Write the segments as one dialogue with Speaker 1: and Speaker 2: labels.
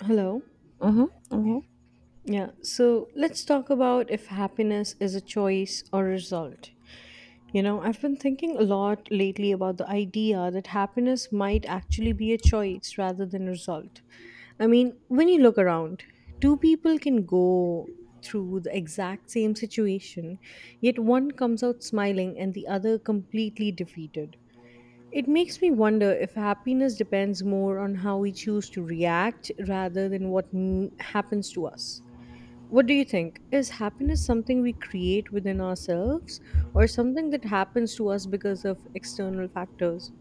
Speaker 1: Hello.
Speaker 2: Mm-hmm. Okay.
Speaker 1: Yeah. So let's talk about if happiness is a choice or a result. You know, I've been thinking a lot lately about the idea that happiness might actually be a choice rather than a result. I mean, when you look around, two people can go through the exact same situation, yet one comes out smiling and the other completely defeated. It makes me wonder if happiness depends more on how we choose to react rather than what happens to us. What do you think? Is happiness something we create within ourselves or something that happens to us because of external factors?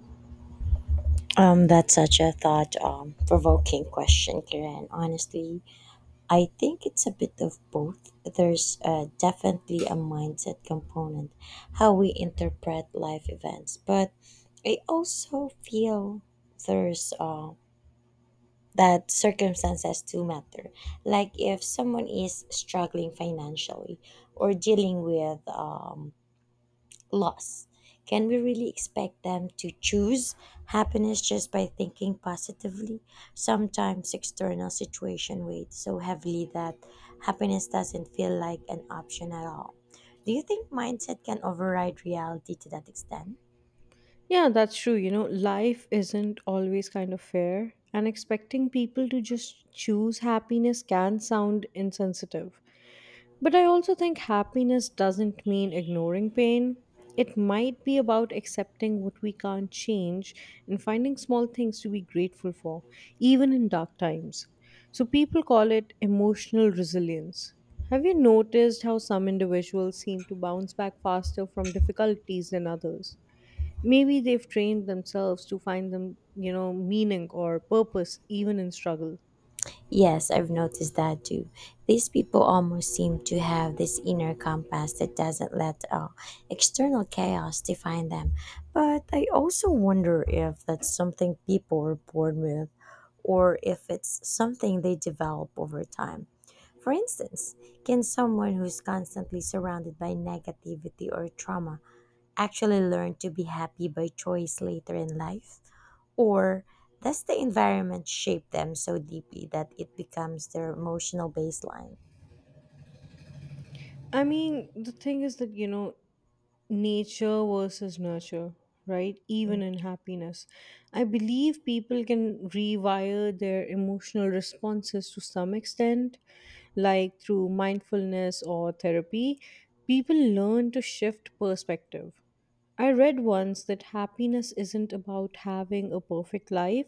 Speaker 2: That's such a thought provoking question, Karen. Honestly, I think it's a bit of both. There's definitely a mindset component, how we interpret life events, but I also feel there's that circumstances do matter. Like if someone is struggling financially or dealing with loss. Can we really expect them to choose happiness just by thinking positively? Sometimes external situation weigh so heavily that happiness doesn't feel like an option at all. Do you think mindset can override reality to that extent?
Speaker 1: Yeah, that's true. You know, life isn't always kind of fair, and expecting people to just choose happiness can sound insensitive. But I also think happiness doesn't mean ignoring pain. It might be about accepting what we can't change and finding small things to be grateful for, even in dark times. So people call it emotional resilience. Have you noticed how some individuals seem to bounce back faster from difficulties than others? Maybe they've trained themselves to find them, you know, meaning or purpose even in struggle.
Speaker 2: Yes, I've noticed that too. These people almost seem to have this inner compass that doesn't let external chaos define them. But I also wonder if that's something people are born with or if it's something they develop over time. For instance, can someone who's constantly surrounded by negativity or trauma actually learn to be happy by choice later in life? Or does the environment shape them so deeply that it becomes their emotional baseline?
Speaker 1: I mean, the thing is that, you know, nature versus nurture, right? Even
Speaker 2: Mm,
Speaker 1: in happiness. I believe people can rewire their emotional responses to some extent, like through mindfulness or therapy. People learn to shift perspective. I read once that happiness isn't about having a perfect life,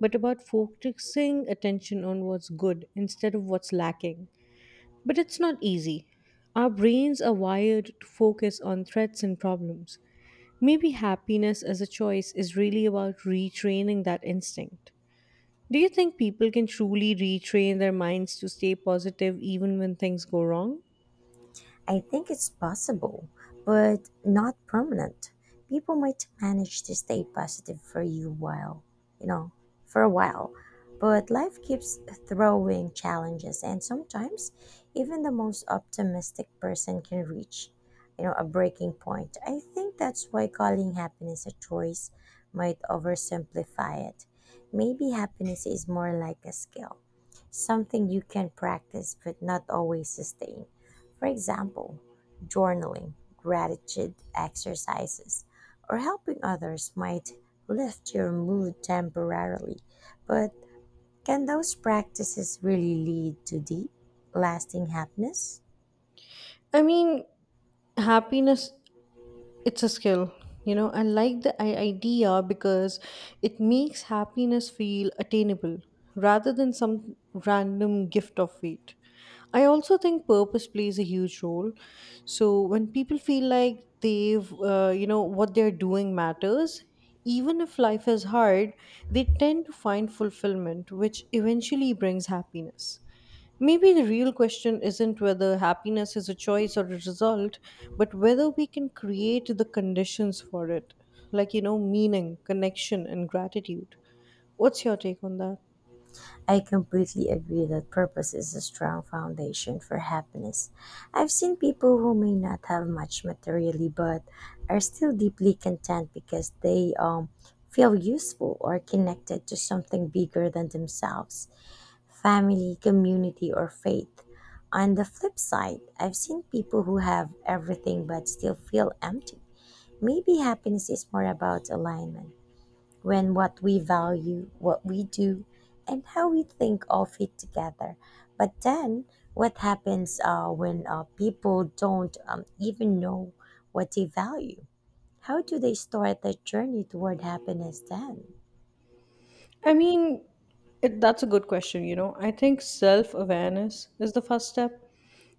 Speaker 1: but about focusing attention on what's good instead of what's lacking. But it's not easy. Our brains are wired to focus on threats and problems. Maybe happiness as a choice is really about retraining that instinct. Do you think people can truly retrain their minds to stay positive even when things go wrong?
Speaker 2: I think it's possible, but not permanent. People might manage to stay positive for you while, you know, for a while, but life keeps throwing challenges and sometimes even the most optimistic person can reach, you know, a breaking point. I think that's why calling happiness a choice might oversimplify it. Maybe happiness is more like a skill, something you can practice but not always sustain. For example, journaling, gratitude exercises, or helping others might lift your mood temporarily, but can those practices really lead to deep, lasting happiness?
Speaker 1: I mean, happiness it's a skill, you know, I like the idea because it makes happiness feel attainable rather than some random gift of fate. I also think purpose plays a huge role. So when people feel like they've you know what they're doing matters, even if life is hard, they tend to find fulfillment, which eventually brings happiness. Maybe the real question isn't whether happiness is a choice or a result, but whether we can create the conditions for it, like, you know, meaning, connection, and gratitude. What's your take on that?
Speaker 2: I completely agree that purpose is a strong foundation for happiness. I've seen people who may not have much materially but are still deeply content because they feel useful or connected to something bigger than themselves. Family, community, or faith. On the flip side, I've seen people who have everything but still feel empty. Maybe happiness is more about alignment when what we value, what we do, and how we think all fit together. But then, what happens when people don't even know what they value? How do they start their journey toward happiness then?
Speaker 1: I mean, that's a good question. You know, I think self awareness is the first step.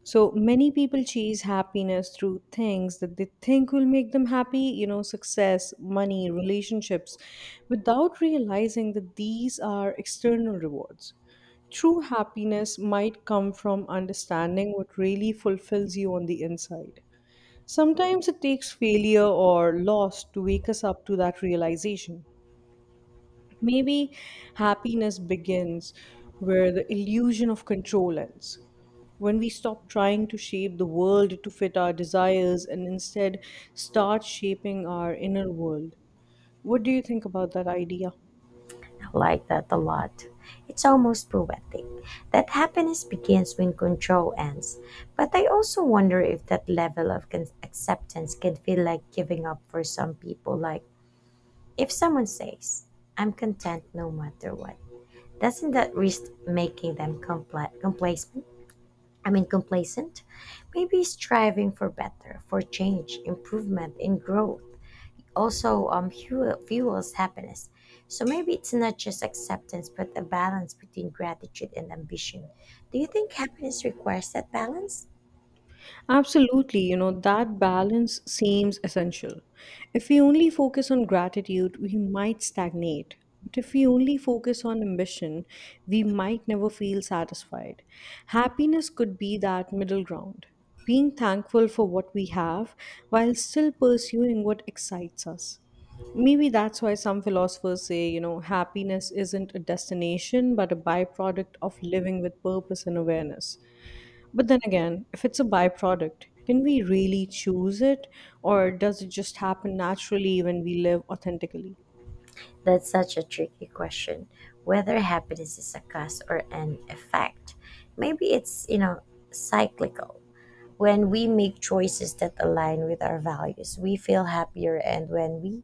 Speaker 1: So many people chase happiness through things that they think will make them happy, you know, success, money, relationships, without realizing that these are external rewards. True happiness might come from understanding what really fulfills you on the inside. Sometimes it takes failure or loss to wake us up to that realization. Maybe happiness begins where the illusion of control ends. When we stop trying to shape the world to fit our desires and instead start shaping our inner world. What do you think about that idea?
Speaker 2: Like that a lot. It's almost poetic that happiness begins when control ends. But I also wonder if that level of acceptance can feel like giving up for some people. Like, if someone says, I'm content no matter what, doesn't that risk making them complacent? I mean, complacent? Maybe striving for better, for change, improvement, and growth also fuels happiness. So maybe it's not just acceptance, but a balance between gratitude and ambition. Do you think happiness requires that balance?
Speaker 1: Absolutely, you know, that balance seems essential. If we only focus on gratitude, we might stagnate. But if we only focus on ambition, we might never feel satisfied. Happiness could be that middle ground, being thankful for what we have while still pursuing what excites us. Maybe that's why some philosophers say, you know, happiness isn't a destination but a byproduct of living with purpose and awareness. But then again, if it's a byproduct, can we really choose it or does it just happen naturally when we live authentically?
Speaker 2: That's such a tricky question. Whether happiness is a cause or an effect, maybe it's, you know, cyclical. When we make choices that align with our values, we feel happier,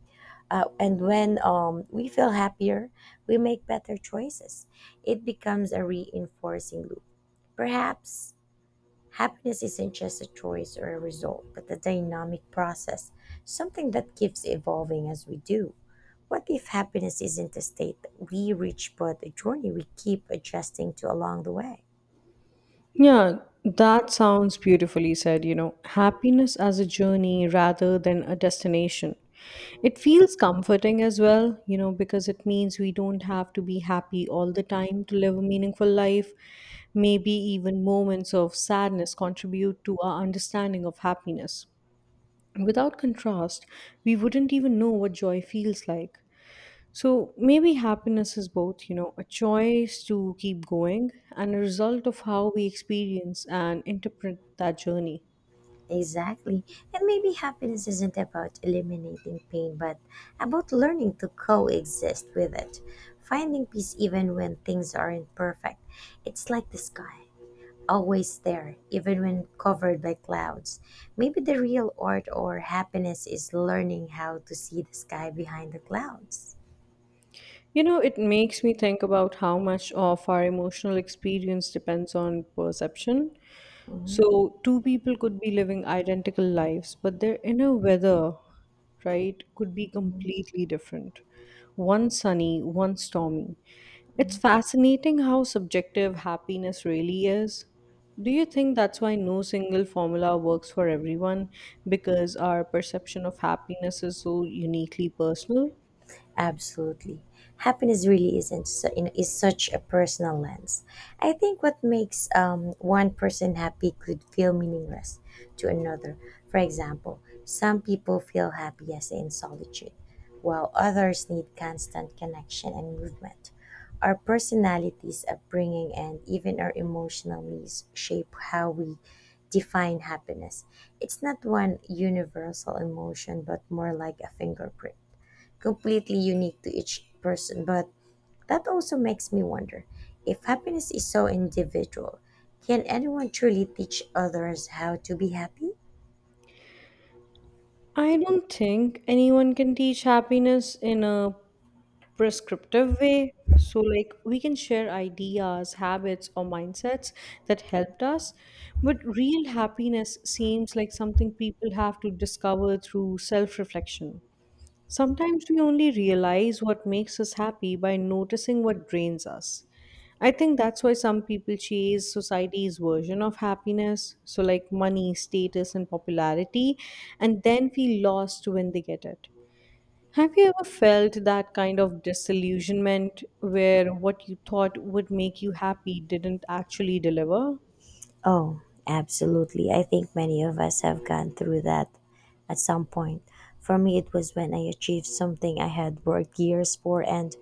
Speaker 2: and when we feel happier, we make better choices. It becomes a reinforcing loop. Perhaps happiness isn't just a choice or a result, but a dynamic process, something that keeps evolving as we do. What if happiness isn't a state that we reach, but a journey we keep adjusting to along the way?
Speaker 1: Yeah, that sounds beautifully said. You know, happiness as a journey rather than a destination. It feels comforting as well, you know, because it means we don't have to be happy all the time to live a meaningful life. Maybe even moments of sadness contribute to our understanding of happiness. Without contrast, we wouldn't even know what joy feels like. So maybe happiness is both, you know, a choice to keep going and a result of how we experience and interpret that journey.
Speaker 2: Exactly. And maybe happiness isn't about eliminating pain, but about learning to coexist with it, finding peace even when things aren't perfect. It's like the sky, always there, even when covered by clouds. Maybe the real art or happiness is learning how to see the sky behind the clouds.
Speaker 1: You know, it makes me think about how much of our emotional experience depends on perception.
Speaker 2: Mhm.
Speaker 1: So, two people could be living identical lives, but their inner weather, right, could be
Speaker 2: Mhm.
Speaker 1: completely different. One sunny, one stormy. It's fascinating how subjective happiness really is. Do you think that's why no single formula works for everyone? Because our perception of happiness is so uniquely personal?
Speaker 2: Absolutely. Happiness really isn't su- in- is such a personal lens. I think what makes one person happy could feel meaningless to another. For example, some people feel happiest in solitude, while others need constant connection and movement. Our personalities, upbringing, and even our emotional needs shape how we define happiness. It's not one universal emotion, but more like a fingerprint completely unique to each person. But that also makes me wonder, if happiness is so individual, can anyone truly teach others how to be happy?
Speaker 1: I don't think anyone can teach happiness in a prescriptive way. So, like, we can share ideas, habits, or mindsets that helped us, but real happiness seems like something people have to discover through self reflection. Sometimes we only realize what makes us happy by noticing what drains us. I think that's why some people chase society's version of happiness, so like money, status, and popularity, and then feel lost when they get it. Have you ever felt that kind of disillusionment where what you thought would make you happy didn't actually deliver?
Speaker 2: Oh, absolutely. I think many of us have gone through that at some point. For me, it was when I achieved something I had worked years for, and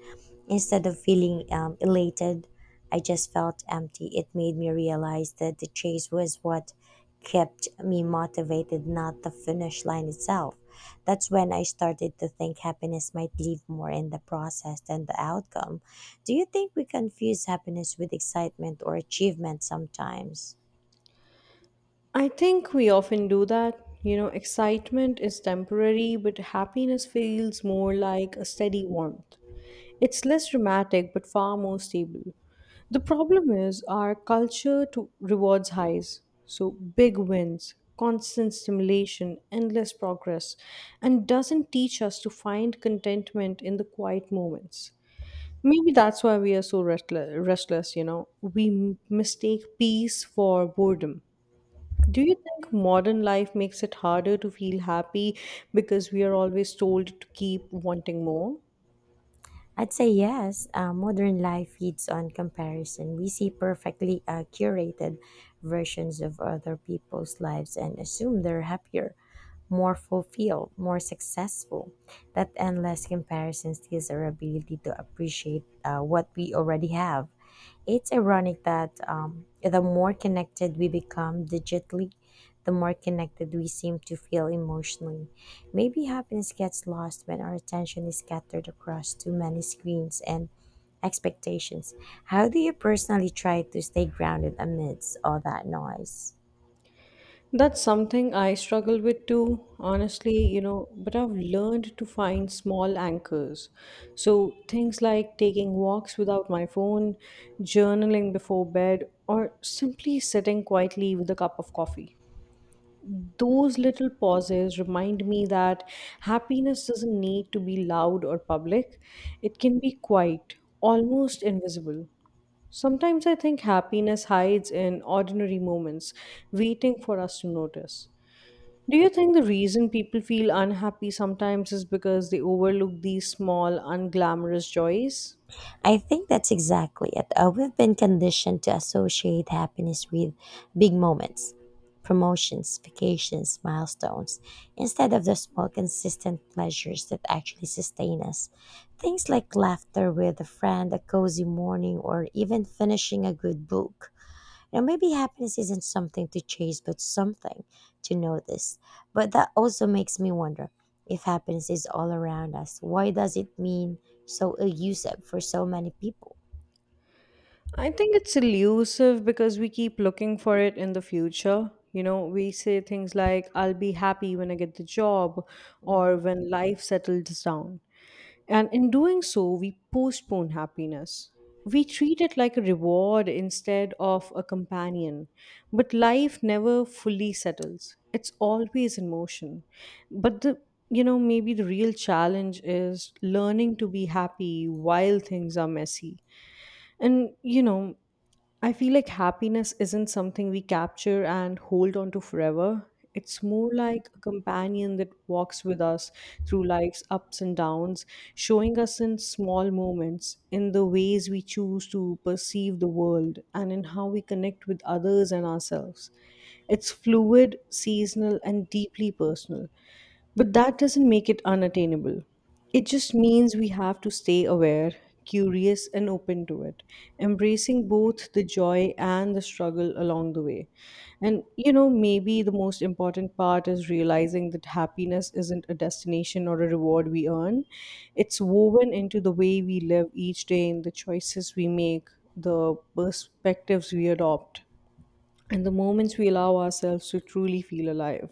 Speaker 2: instead of feeling elated, I just felt empty. It made me realize that the chase was what kept me motivated, not the finish line itself. That's when I started to think happiness might live more in the process than the outcome. Do you think we confuse happiness with excitement or achievement sometimes?
Speaker 1: I think we often do that. You know, excitement is temporary, but happiness feels more like a steady warmth. It's less dramatic but far more stable. The problem is our culture to rewards highs. So big wins, constant stimulation, endless progress, and doesn't teach us to find contentment in the quiet moments. Maybe that's why we are so restless, you know. We mistake peace for boredom. Do you think modern life makes it harder to feel happy because we are always told to keep wanting more?
Speaker 2: I'd say yes. Modern life feeds on comparison. We see perfectly curated versions of other people's lives and assume they're happier, more fulfilled, more successful. That endless comparison steals our ability to appreciate what we already have. It's ironic that the more connected we become digitally, the more connected we seem to feel emotionally. Maybe happiness gets lost when our attention is scattered across too many screens and expectations. How do you personally try to stay grounded amidst all that noise?
Speaker 1: That's something I struggle with too, honestly, you know, but I've learned to find small anchors. So things like taking walks without my phone, journaling before bed, or simply sitting quietly with a cup of coffee. Those little pauses remind me that happiness doesn't need to be loud or public, it can be quiet, almost invisible. Sometimes I think happiness hides in ordinary moments, waiting for us to notice. Do you think the reason people feel unhappy sometimes is because they overlook these small, unglamorous joys?
Speaker 2: I think that's exactly it. We've been conditioned to associate happiness with big moments, promotions, vacations, milestones, instead of the small, consistent pleasures that actually sustain us. Things like laughter with a friend, a cozy morning, or even finishing a good book. Now, maybe happiness isn't something to chase, but something to notice. But that also makes me wonder, if happiness is all around us, why does it mean so elusive for so many people?
Speaker 1: I think it's elusive because we keep looking for it in the future. You know, we say things like, I'll be happy when I get the job or when life settles down. And in doing so, we postpone happiness. We treat it like a reward instead of a companion. But life never fully settles, it's always in motion. But the you know, maybe the real challenge is learning to be happy while things are messy and, you know, I feel like happiness isn't something we capture and hold on to forever. It's more like a companion that walks with us through life's ups and downs, showing us in small moments, in the ways we choose to perceive the world, and in how we connect with others and ourselves. It's fluid, seasonal, and deeply personal, but that doesn't make it unattainable. It just means we have to stay aware, curious, and open to it, embracing both the joy and the struggle along the way. And, you know, maybe the most important part is realizing that happiness isn't a destination or a reward we earn, it's woven into the way we live each day, in the choices we make, the perspectives we adopt, and the moments we allow ourselves to truly feel alive.